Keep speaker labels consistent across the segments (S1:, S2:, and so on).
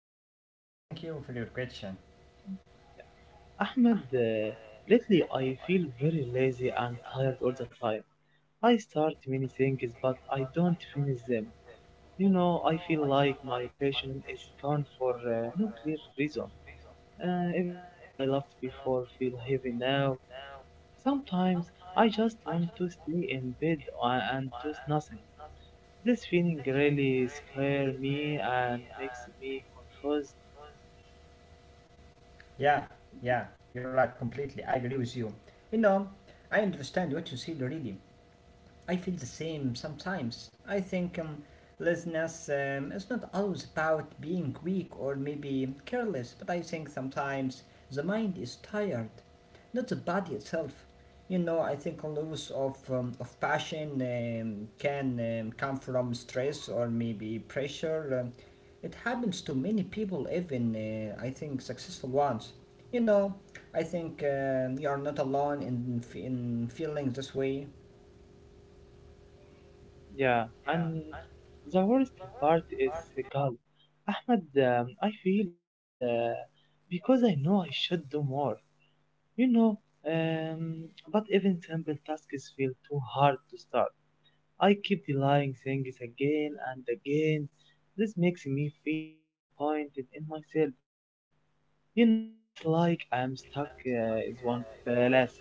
S1: am fine, my friend. Thank you for your question.
S2: Ahmed, lately I feel very lazy and tired all the time. I start many things but I don't finish them. You know, I feel like my passion is gone for no clear reason. Even things I loved before feel heavy now. Sometimes I just want to stay in bed and do nothing. This feeling really scares me and makes me confused.
S1: Yeah, yeah, you're right completely. I agree with you. You know, I understand what you said really. I feel the same sometimes. I think laziness is not always about being weak or maybe careless, but I think sometimes the mind is tired, not the body itself. You know, I think a loss of, of passion can come from stress or maybe pressure. It happens to many people, even I think successful ones. You know, I think you are not alone in feeling this way.
S2: Yeah, and the worst part is Gal. Ahmed, I feel bad because I know I should do more, you know, um, but even simple tasks feel too hard to start. I keep delaying things again and again. This makes me feel disappointed in myself. You know, it's like I'm stuck is one palace.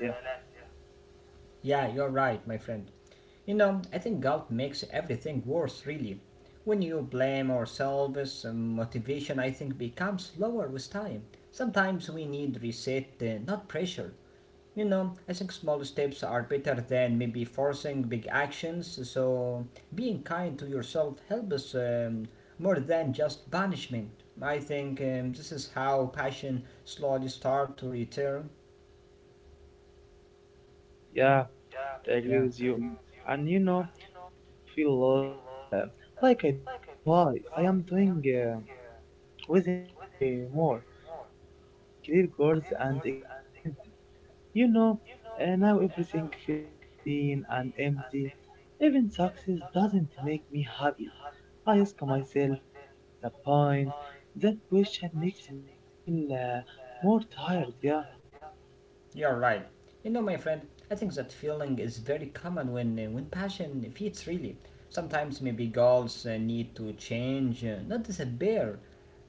S1: Yeah, you're right, my friend. You know, I think guilt makes everything worse, really. When you blame ourselves, motivation, I think, becomes lower with time. Sometimes we need reset, not pressure. You know, I think small steps are better than maybe forcing big actions, so being kind to yourself helps more than just punishment. I think this is how passion slowly starts to return.
S2: Yeah, you're right. I agree
S1: Yeah.
S2: with you. And you know, I also feel lost. Like I don't know why I am doing waiting anymore. Before I had clear goals and excitement. You know, now everything feels routine and empty. Even success doesn't make me happy. I ask myself, what is the point? That question makes me feel more tired. Yeah,
S1: You're right. You know, my friend, I think that feeling is very common when when passion fits really. Sometimes maybe goals need to change, not disappear.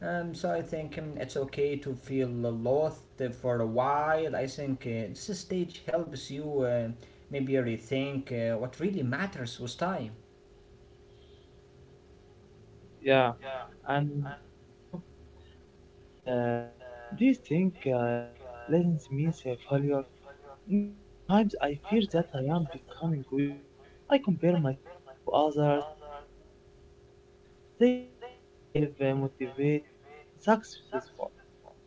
S1: So I think it's okay to feel lost for a while. I think this stage helps you maybe rethink what really matters with time.
S2: yeah, and you know. Ahmed, do you think laziness means a failure? Me, sometimes I fear that I am becoming weak. I compare myself to others and feel behind. They look active, motivated, and successful.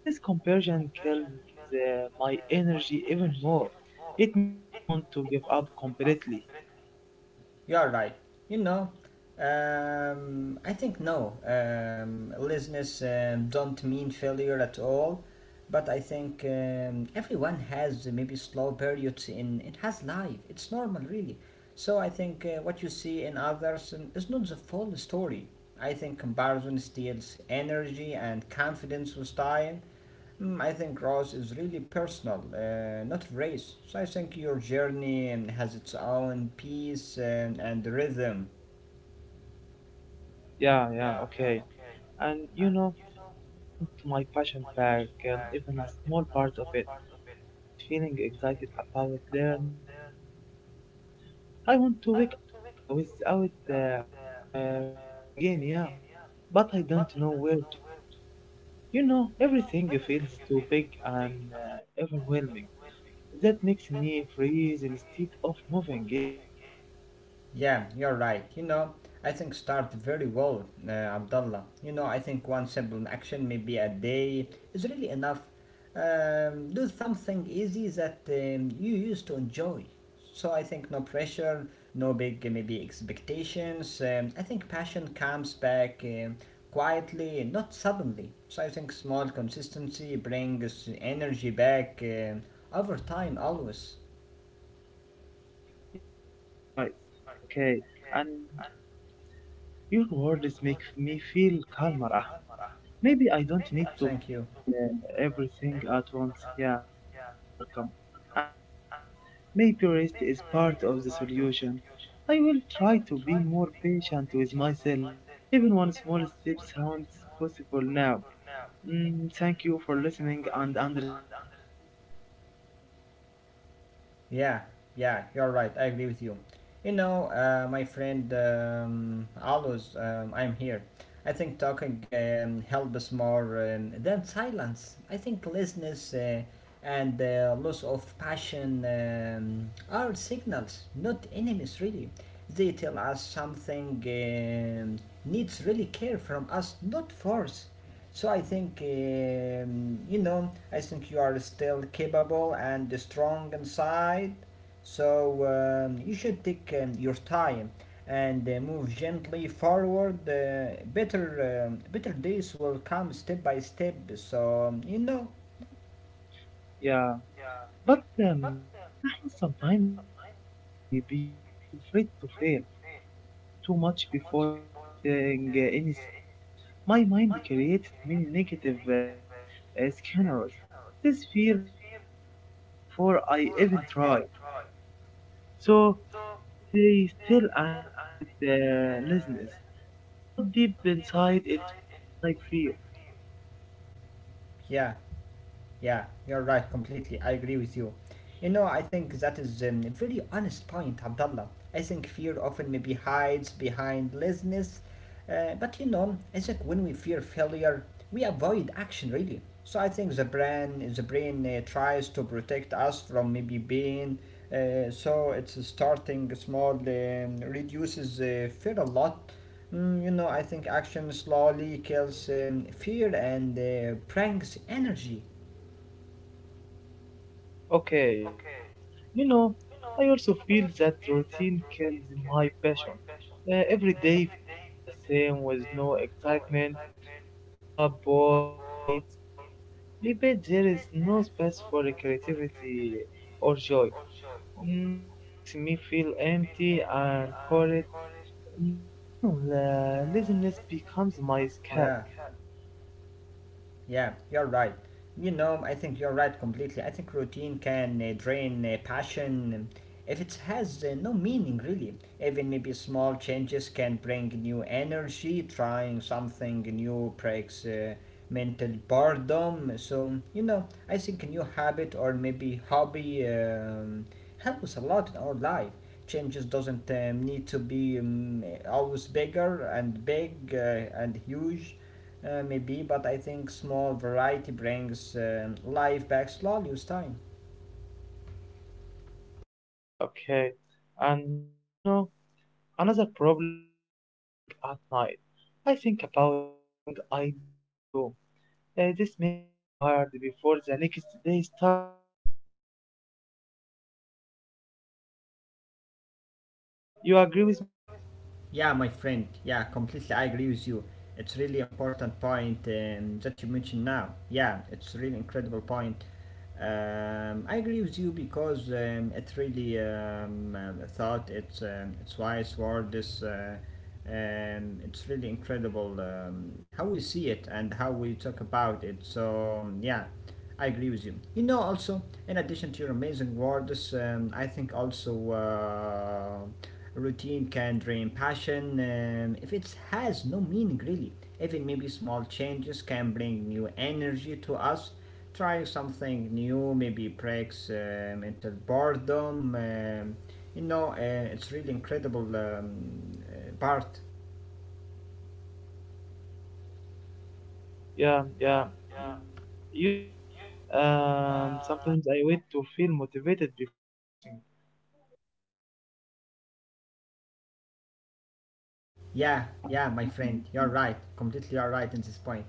S2: This comparison kills my energy even more. It makes me want to give up completely.
S1: You are right. You know, I think no. Laziness don't mean failure at all. But I think everyone has maybe slow periods in it has life. It's normal, really. So I think what you see in others is not the full story. I think comparison steals energy and confidence with time. I think growth is really personal, not race. So I think your journey has its own pace and rhythm.
S2: Yeah, yeah, okay. And you know, I want my passion back, even a small part of it. I miss feeling excited about learning and working. I want to wake up without with the voice again, yeah. But I don't know where to start. You know, everything feels too big and overwhelming. That makes me freeze instead of moving. Yeah,
S1: Yeah, you're right. You know, I think start very well, Abdullah. You know, I think one simple action, maybe a day, is really enough. Do something easy that you used to enjoy. So I think no pressure, no big maybe expectations. I think passion comes back quietly, not suddenly. So I think small consistency brings energy back over time, always.
S2: yeah, you are right. Okay, and you know, your words make me feel calmer, Ahmed. Maybe I don't need to
S1: Thank
S2: fix
S1: you.
S2: everything at once. Yeah, you are welcome. And maybe rest is part of the solution. I will try to be more patient with myself. Even one small step sounds possible now. Mm, thank you for listening and understanding. Yeah,
S1: Yeah, yeah, you're right. I agree with you. You know, my friend, always, I'm here. I think talking helps more than silence. I think laziness and loss of passion are signals, not enemies, really. They tell us something needs really care from us, not force. So I think you know, I think you are still capable and strong inside. So you should take your time and move gently forward. Better days will come step by step. So you know,
S2: yeah. But Ahmed, sometimes I feel lazy because I'm afraid to fail. I think too much before starting anything. My mind creates many negative scenarios. This fear makes me stop before I even try. So I stay still and call it laziness. But deep inside, it feels like fear.
S1: yeah. Yeah, you're right completely. I agree with you. You know, I think that is a very honest point, Abdullah. I think fear often maybe hides behind laziness, but you know, I think when we fear failure, we avoid action really. So I think the brain tries to protect us from maybe pain. So it's starting small, reduces fear a lot. You know, I think action slowly kills fear and brings energy.
S2: Okay, mm. You know, I also feel that routine kills my passion. Every day feels the same with no excitement. Wake up, work, eat, sleep. Maybe there is no space for creativity or joy. Mm, this makes me feel empty and horrid. Mm, then laziness becomes my escape.
S1: Yeah, yeah, you're right. You know, I think you're right completely. I think routine can drain passion if it has no meaning, really. Even maybe small changes can bring new energy. Trying something new breaks mental boredom. So you know, I think a new habit or maybe hobby helps a lot in our life. Changes doesn't need to be always bigger and big and huge. Maybe, but I think small variety brings life back slowly with time.
S2: Yeah, okay. And you know, another problem is overthinking at night. I think about everything I didn't do. This makes me tired before the next day starts. Yeah, you agree with me?
S1: Yeah, my friend. Yeah, completely. I agree with you. It's really important point that you mentioned now. Yeah, it's really incredible point. I agree with you because it really I thought it's wise word. This it's really incredible how we see it and how we talk about it. So yeah. I agree with you. You know, also, in addition to your amazing words, I think also routine can drain passion if it has no meaning really. Even maybe small changes can bring new energy to us. Trying something new maybe breaks into boredom. You know, it's really incredible part.
S2: Yeah, yeah. Mm. You know, sometimes I wait to feel motivated before acting.
S1: Yeah,
S2: Yeah,
S1: yeah, my friend, you're right. Completely, you're right in this point.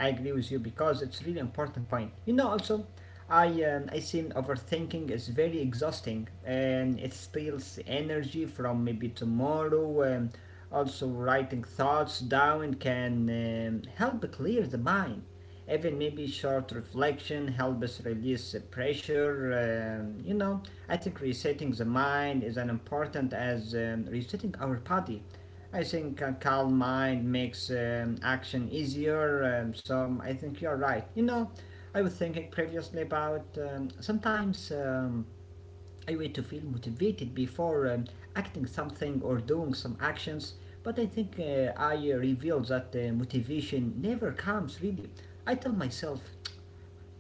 S1: I agree with you because it's really important point. You know, also, I I seen overthinking is very exhausting and it steals energy from maybe tomorrow. Also, writing thoughts down can help clear the mind. Even maybe short reflection help us release the pressure. You know, I think resetting the mind is as important as resetting our body. I think a calm mind makes action easier, so I think you're right. You know, I was thinking previously about sometimes I wait to feel motivated before acting something or doing some actions, but I think I revealed that motivation never comes really. I tell myself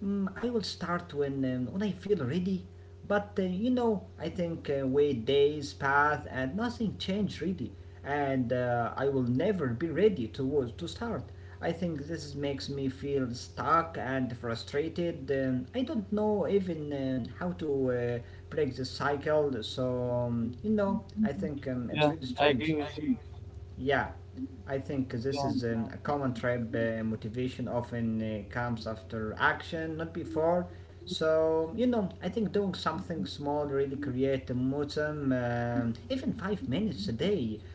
S1: I will start when when I feel ready. But you know, I think wait days pass and nothing changed really, and I will never be ready to start. I think makes me feel stuck and frustrated. I don't know even how to break the cycle. So you know, I think
S2: yeah,
S1: it's really
S2: I agree
S1: strange.
S2: with you.
S1: Yeah, I think this
S2: Yeah.
S1: is a common trap. Motivation often comes after action, not before. So, you know, I think doing something small really create a momentum, even 5 minutes a day,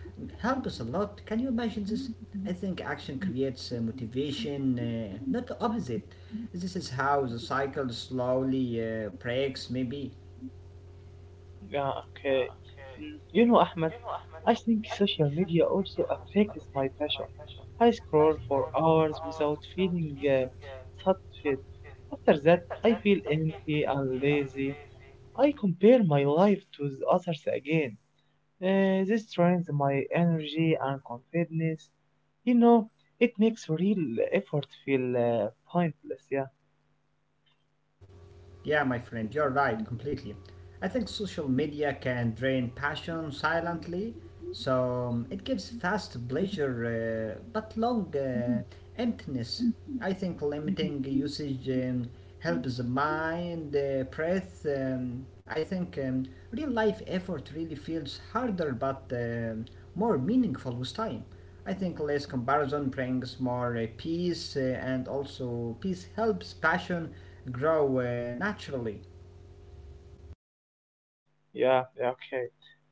S1: helps a lot. Can you imagine this? I think action creates motivation, not the opposite. This is how the cycle slowly breaks, maybe.
S2: Yeah, okay. Mm. You know, Ahmed, I think social media also affects my passion. I scroll for hours without feeling satisfied. After that, I feel empty and lazy. I compare my life to the others again. This drains my energy and confidence. You know, it makes real effort feel pointless. Yeah,
S1: Yeah, my friend, you're right, completely. I think social media can drain passion silently, so it gives fast pleasure but long emptiness. I think limiting usage helps the mind, breath. I think real life effort really feels harder but more meaningful with time. I think less comparison brings more peace, and also peace helps passion grow naturally.
S2: yeah, yeah. Okay.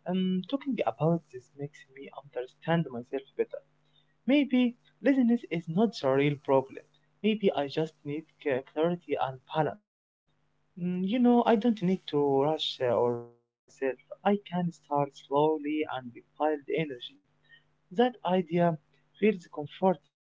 S2: Talking about this makes me understand myself better. Maybe laziness is not the real problem. Maybe I just need clarity and balance. Mm. You know, I don't need to rush or judge myself. I can start slowly and build energy. That idea feels comforting.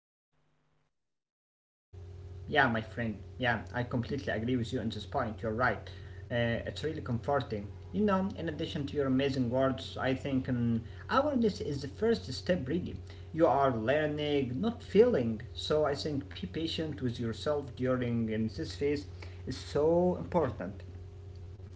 S1: Yeah, my friend. Yeah, I completely agree with you on this point. You're right. It's really comforting. You know, in addition to your amazing words, I think awareness is the first step, really. You are learning, not feeling. So I think be patient with yourself during this phase is so important.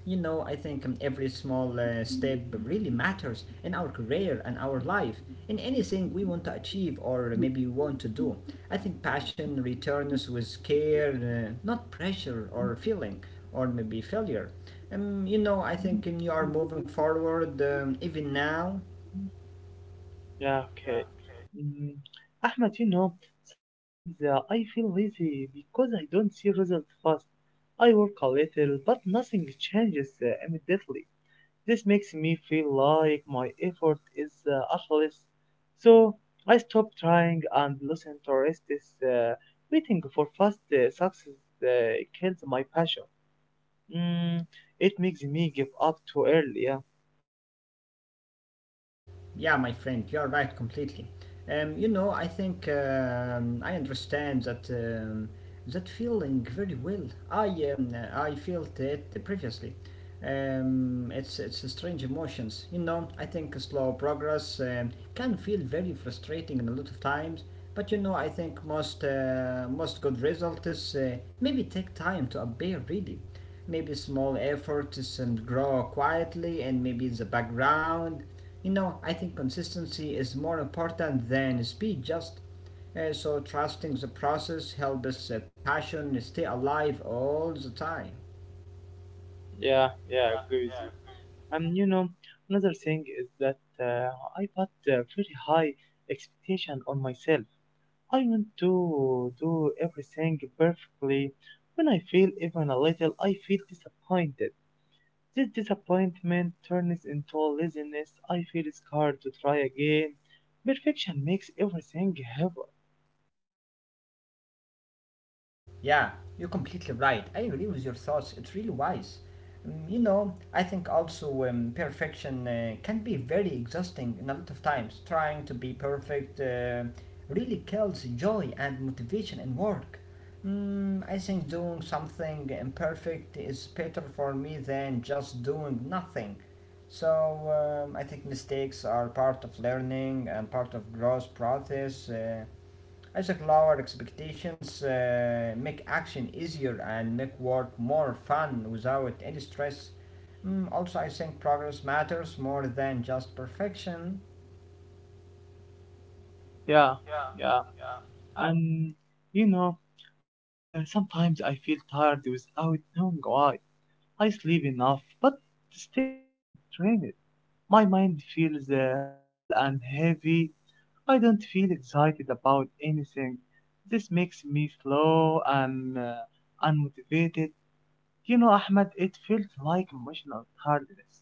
S1: You know, I think every small step really matters in our career and our life, in anything we want to achieve or maybe want to do. I think passion returns with care, not pressure or feeling or maybe failure. You know, I think you are moving forward even now.
S2: Yeah, okay. Mm. Ahmed, you know, sometimes I feel lazy because I don't see results fast. I work a little, but nothing changes immediately. This makes me feel like my effort is useless. So I stop trying and listen to rest uh, waiting for fast success kills my passion. Mm, it makes me give up too early. Yeah,
S1: Yeah, my friend, you're right completely. You know, I think I understand that that feeling very well. I felt it previously. It's a strange emotions. You know, I think slow progress can feel very frustrating in a lot of times. But you know, I think most good results maybe take time to appear really maybe a small efforts and grow quietly and maybe in the background. You know, I think consistency is more important than speed just. So trusting the process helps us passion stay alive all the time.
S2: yeah, yeah. I agree with you. And you know, another thing is that I put very high expectation on myself. I want to do everything perfectly. When I fail even a little, I feel disappointed. This disappointment turns into laziness. I feel scared to try again. Perfection makes everything heavy.
S1: Yeah, you're completely right. I agree with your thoughts. It's really wise. You know, I think also perfection can be very exhausting in a lot of times. Trying to be perfect really kills joy and motivation in work. I think doing something imperfect is better for me than just doing nothing. So I think mistakes are part of learning and part of growth process. I think lower expectations make action easier and make work more fun without any stress. Also, I think progress matters more than just perfection.
S2: Yeah, yeah. And you know, sometimes I feel tired without knowing why. I sleep enough, but still feel drained. My mind feels full and heavy. I don't feel excited about anything. This makes me slow and unmotivated. You know, Ahmed, it felt like emotional hardness.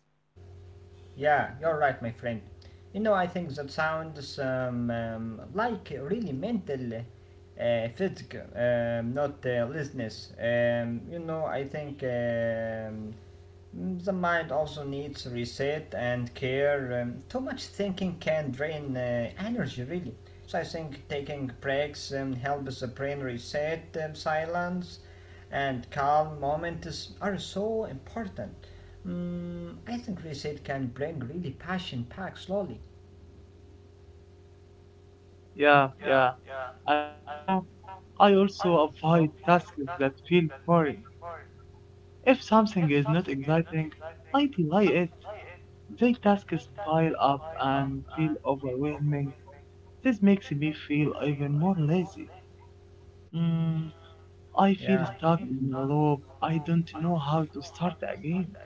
S1: Yeah, you're right, my friend. You know, I think that sounds like really mental physical, not listeners. You know, I think the mind also needs reset and care. Too much thinking can drain energy, really. So I think taking breaks helps the brain reset, silence, and calm moments are so important. I think reset can bring really passion back slowly.
S2: Yeah, yeah. And you know, I also avoid tasks that feel boring. If something is not exciting, I delay it. The tasks pile up and feel overwhelming. This makes me feel even more lazy. Mm, I feel
S1: Yeah,
S2: stuck in a loop. I don't know how to start again.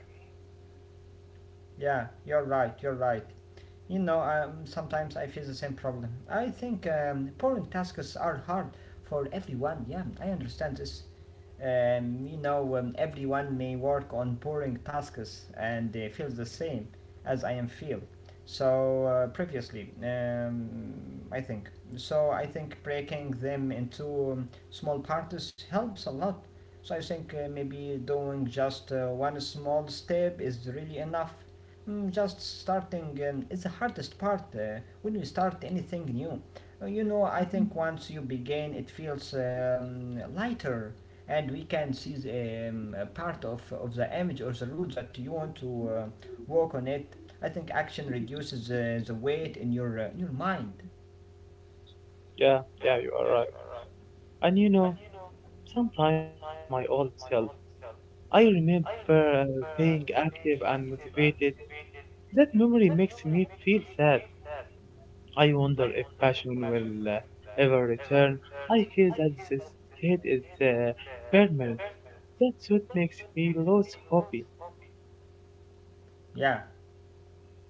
S1: yeah, you're right, you're right. You know, sometimes I face the same problem. I think boring tasks are hard for everyone. Yeah, I understand this. Everyone may work on boring tasks and they feel the same as I am feel. So previously, I think. So I think breaking them into small parts helps a lot. So I think maybe doing just one small step is really enough. Mm, just starting is the hardest part when you start anything new. You know, I think once you begin, it feels lighter, and we can see a part of the image or the route that you want to work on it. I think action reduces the weight in your mind.
S2: Yeah, yeah, you are right. And you know, sometimes I miss my old self. I remember being active and motivated. That memory makes me feel sad. I wonder if passion will ever return. I feel that this state is permanent. That's what makes me lose hope.
S1: Yeah.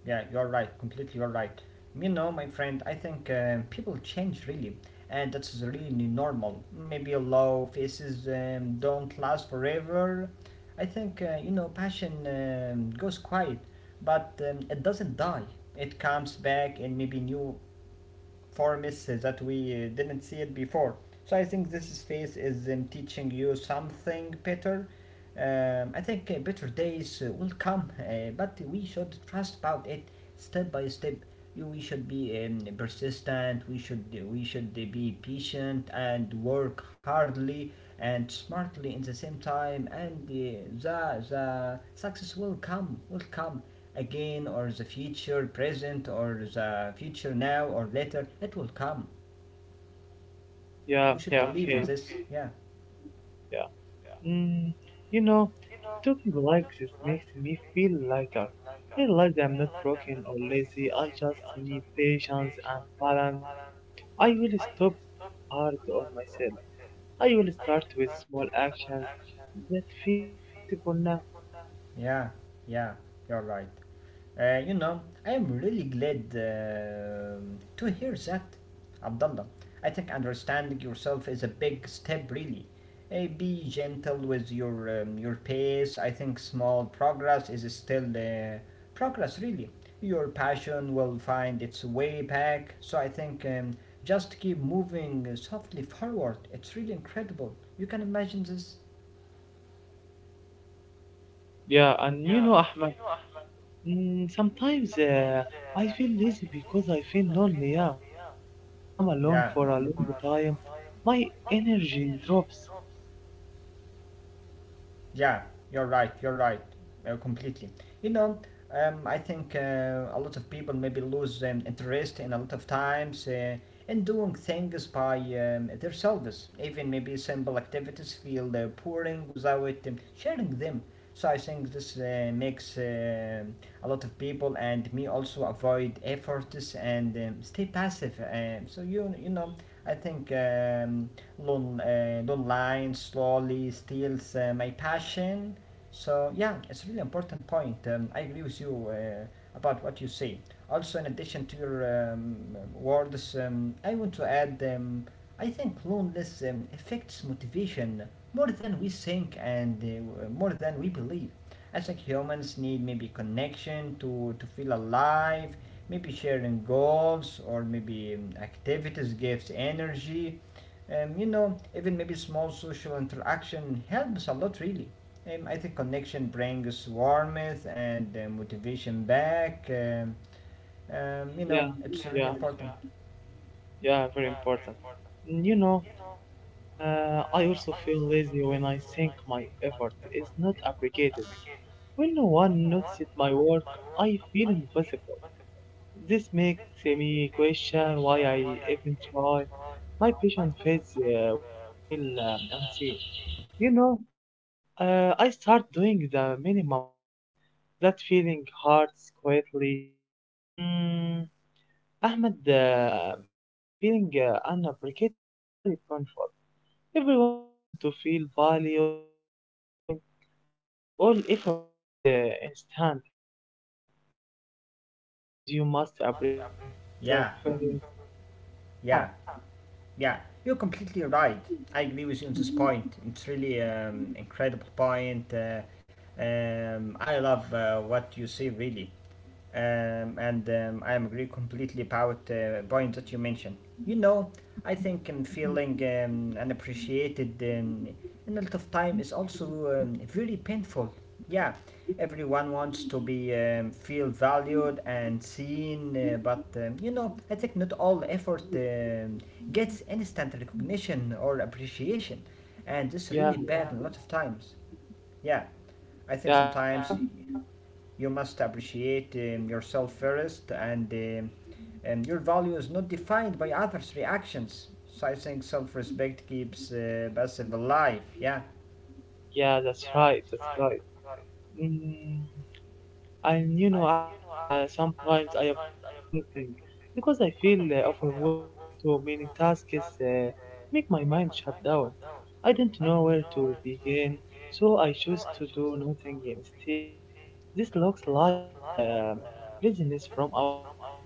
S1: Yeah, you're right. Completely, you're right. You know, my friend, I think people change really, and that's really normal. Maybe low faces don't last forever. I think you know, passion goes quiet, but it doesn't die. It comes back in maybe new for misses that we didn't see it before. So I think this phase is teaching you something better. I think better days will come, but we should trust about it step by step. You, we should be persistent. We should be patient and work hardly and smartly in the same time. And the success will come again or the future present or the future now or later it will come.
S2: Yeah,
S1: We
S2: yeah,
S1: should
S2: okay,
S1: believe in this. Yeah,
S2: yeah. Mm, you know, talking like this makes me feel lighter. I like that I'm not broken or lazy. I just need patience and balance. I will stop being hard on myself. I will start with small actions that feels possible now.
S1: yeah, yeah, you're right. You know, I am really glad to hear that, Abdullah. I think understanding yourself is a big step, really. Be gentle with your your pace. I think small progress is still progress, really. Your passion will find its way back. So I think just keep moving softly forward. It's really incredible. You can imagine this.
S2: Yeah, and you know, Ahmed, mm, sometimes I feel lazy because I feel lonely. Yeah, when I am alone
S1: Yeah.
S2: for a long time, my energy drops.
S1: Yeah, you're right. You're right. Completely. You know, I think a lot of people maybe lose interest in a lot of times in doing things by themselves. Even maybe simple activities feel boring without sharing them. So I think this makes a lot of people and me also avoid efforts and stay passive. So you know, I think. Don't line slowly steals my passion. So yeah, it's a really important point. I agree with you about what you say. Also, in addition to your words, I want to add. I think loneliness affects motivation more than we think and more than we believe. I think humans need maybe connection to feel alive, maybe sharing goals or maybe activities gives energy. You know, even maybe small social interaction helps a lot, really. I think connection brings warmth and motivation back. You know,
S2: Yeah,
S1: it's really
S2: yeah,
S1: important.
S2: yeah, very important. Mm. You know, I also feel lazy when I think my effort is not appreciated. When no one notices my work, I feel invisible. This makes me question why I even try. My patience fades when I feel unseen. You know, I start doing the minimum only. That feeling hurts quietly. Mm. Ahmed, feeling unappreciated is very painful. Everyone wants to feel valued and seen, but not all effort gets instant recognition. Sometimes you must appreciate yourself
S1: Yeah,
S2: first. Yeah,
S1: yeah. Yeah, you're
S2: and
S1: completely right. I agree with you on this point. It's really incredible point. I love what you say really, and I agree completely about point that you mentioned. You know, I think feeling unappreciated in a lot of time is also very painful. Yeah, everyone wants to be feel valued and seen, but you know, I think not all effort gets instant recognition or appreciation, and this
S2: yeah,
S1: really bad a lot of times. Yeah, I think
S2: yeah, and you
S1: sometimes
S2: know,
S1: you must appreciate yourself first, and and your value is not defined by others' reactions. So I think self-respect keeps passive alive. Yeah,
S2: yeah, that's right, that's right. Mm, and you know, Ahmed, sometimes I avoid starting because I feel overwhelmed. Too many tasks uh, make my mind shut down. I don't know where to begin, so I choose to do nothing instead. This looks like laziness from outside,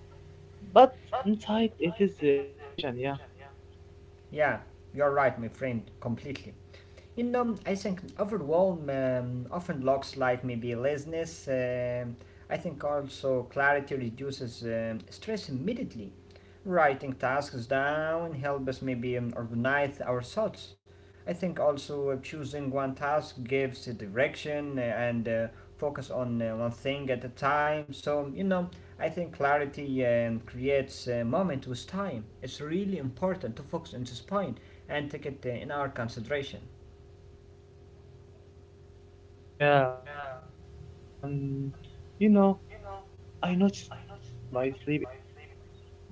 S2: but inside it is confusion, yeah.
S1: yeah, you're right, my friend, completely. You know, I think overwhelm often looks like maybe laziness. I think also clarity reduces stress immediately. Writing tasks down helps us maybe organize our thoughts. I think also choosing one task gives a direction and focus on one thing at a time. So, you know, I think clarity creates a moment with time. It's really important to focus on this point and take it in our consideration.
S2: Yeah, you're right. And you know, mm, I noticed that when my sleep is bad,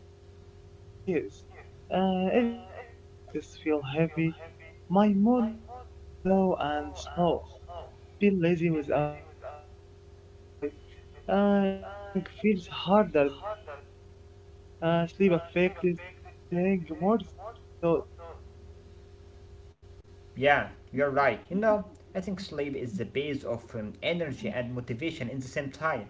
S2: my vision disappears. Even small tasks feel heavy. My mood become low and slow. I feel lazy without understanding why. Everything feels harder than it should. Sleep affects everything more than I thought.
S1: Yeah, you're right. You know, I think sleep is the base of energy and motivation in the same time.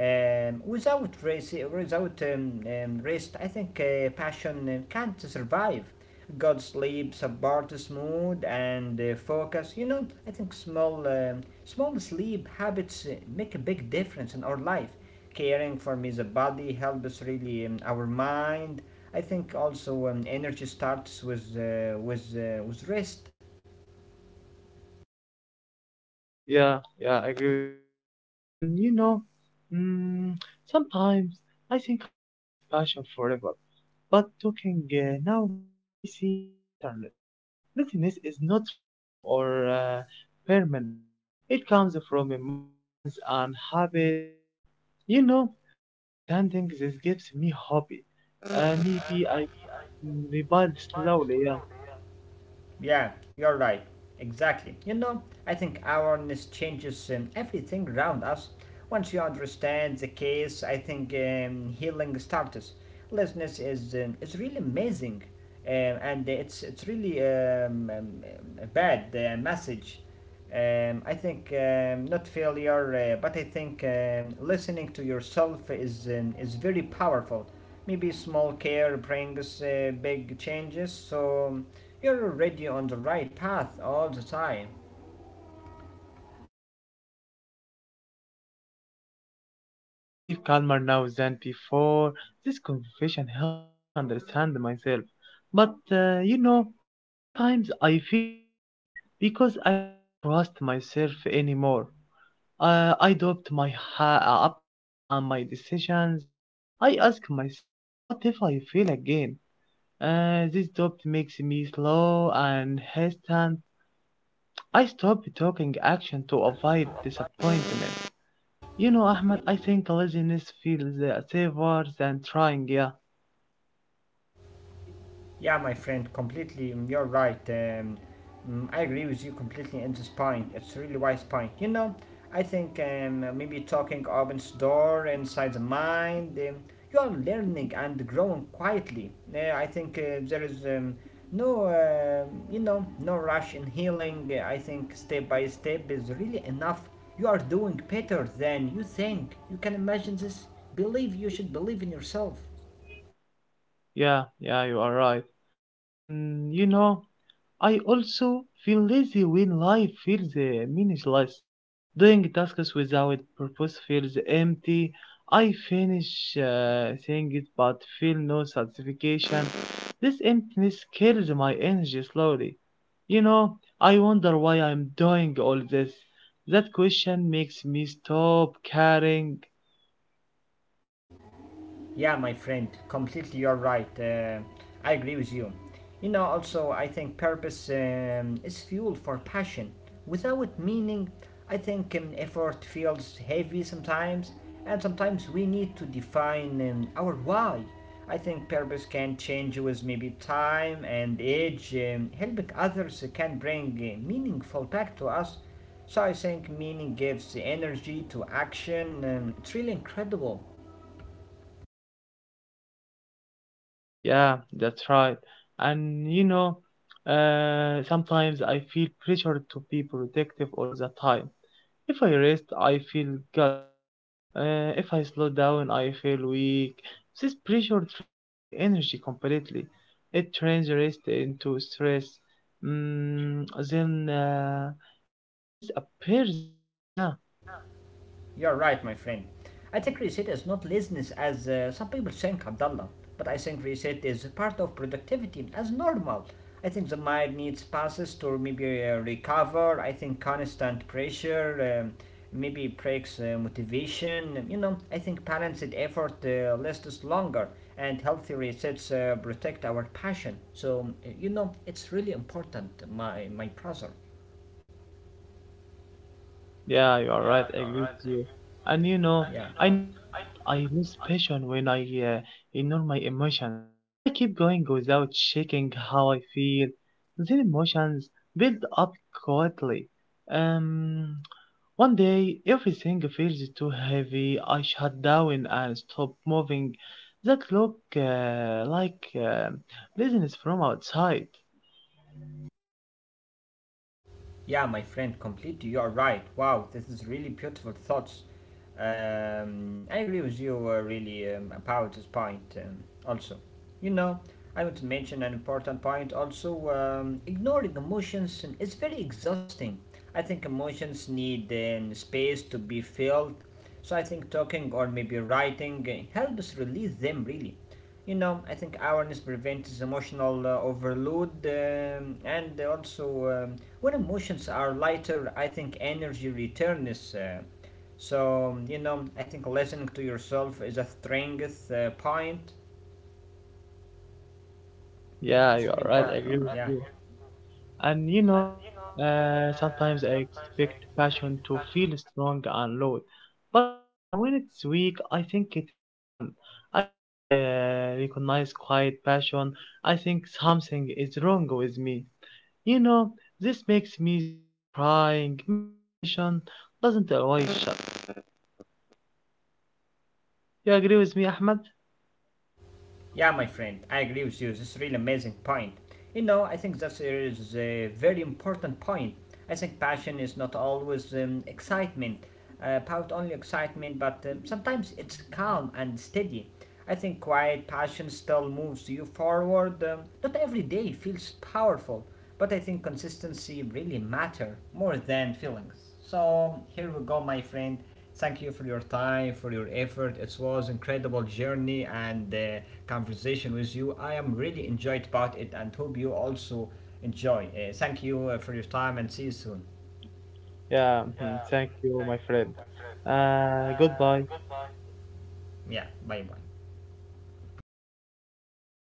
S1: Without race, without rest, I think passion can't survive. Good sleep supports mood and focus. You know, I think small sleep habits make a big difference in our life. Caring for me, the body helps really our mind. I think also energy starts with with rest.
S2: Yeah, yeah, I agree with you. And you know, mm, sometimes I think I lost passion forever. But talking now makes me see bitterness. Bitterness is not random or permanent. It comes from emotions and habits. You know, understanding this gives me hope. Maybe I can rebuild slowly. Yeah.
S1: Yeah, you're right. Exactly. You know, I think awareness changes everything around us. Once you understand the case, I think healing starts. Listeners is really amazing, and it's really um, a bad message. I think not failure, but I think listening to yourself is very powerful. Maybe small care brings big changes, so you're already on the right path all the time.
S2: Yeah, yeah, and I feel calmer now than before. This conversation helped me understand myself. But you know, sometimes I feel lazy because I don't trust myself anymore. I doubt my abilities and my decisions. I ask myself, what if I fail again? This doubt makes me slow and hesitant. I stop taking action to avoid disappointment. You know, Ahmed, I think laziness feels safer than trying. Yeah,
S1: Yeah, my friend, completely. You're right. I agree with you completely in this point. It's a really wise point. You know, I think maybe talking opens door inside the mind. You are learning and growing quietly. I think there is no, no rush in healing. I think step by step is really enough. You are doing better than you think. You can imagine this. Believe you should believe in yourself.
S2: yeah, yeah, you are right. And you know, I also feel lazy when life feels meaningless. Doing tasks without purpose feels empty. I finish things but feel no satisfaction. This emptiness kills my energy slowly. You know, I wonder why I'm doing all this. That question makes me stop caring.
S1: Yeah, my friend, completely you're right. I agree with you. You know, also, I think purpose is fuel for passion. Without meaning, I think effort feels heavy sometimes, and sometimes we need to define our why. I think purpose can change with maybe time and age. Helping others can bring meaningful back to us. So I think meaning gives energy to action. It's really incredible.
S2: Yeah, that's right. And you know, sometimes I feel pressured to be productive all the time. If I rest, I feel guilty. If I slow down, I feel weak. This pressure drains my energy completely. It turns rest into stress. Mm, then laziness appears again, yeah.
S1: You're right, my friend. I think reset is not laziness as some people think, Abdullah, but I think reset is part of productivity as normal. I think the mind needs passes to maybe recover. I think constant pressure maybe breaks motivation. You know, I think balanced effort lasts longer and healthy resets protect our passion. So, you know, it's really important, my brother.
S2: Yeah, you are right. I agree with you. And you know, I noticed that I lose passion when I ignore my emotions. I keep going without checking how I feel. Then emotions build up quietly. Um, one day everything feels too heavy. I shut down and stop moving. That look like business from outside.
S1: Yeah, my friend, completely. You are right. Wow, this is really beautiful thoughts. I agree with you really about this point. Also, you know, I want to mention an important point. Also, ignoring emotions is very exhausting. I think emotions need space to be filled. So I think talking or maybe writing helps release them really. You know, I think awareness prevents emotional overload and also when emotions are lighter, I think energy returns. So, you know, I think listening to yourself is a strength point.
S2: Yeah, you
S1: It's really
S2: are right. I
S1: important.
S2: agree with
S1: Yeah.
S2: you. And you know, sometimes I expect passion to feel strong and loud, but when it's weak, I think it is gone. I didn't recognize quiet passion. I think something is wrong with me. You know, this makes me stop trying. Maybe passion doesn't always shut. You agree with me, Ahmed?
S1: Yeah, my friend, I agree with you. This is really amazing point. You know, I think that is a very important point. I think passion is not always excitement, about only excitement, but sometimes it's calm and steady. I think quiet passion still moves you forward. Not every day feels powerful, but I think consistency really matter more than feelings. So here we go, my friend. Thank you for your time, for your effort. It was an incredible journey and conversation with you. I am really enjoyed about it and hope you also enjoy. Thank you for your time and see you soon.
S2: Yeah, mhm, thank you, my friend. Goodbye.
S1: Yeah, bye bye.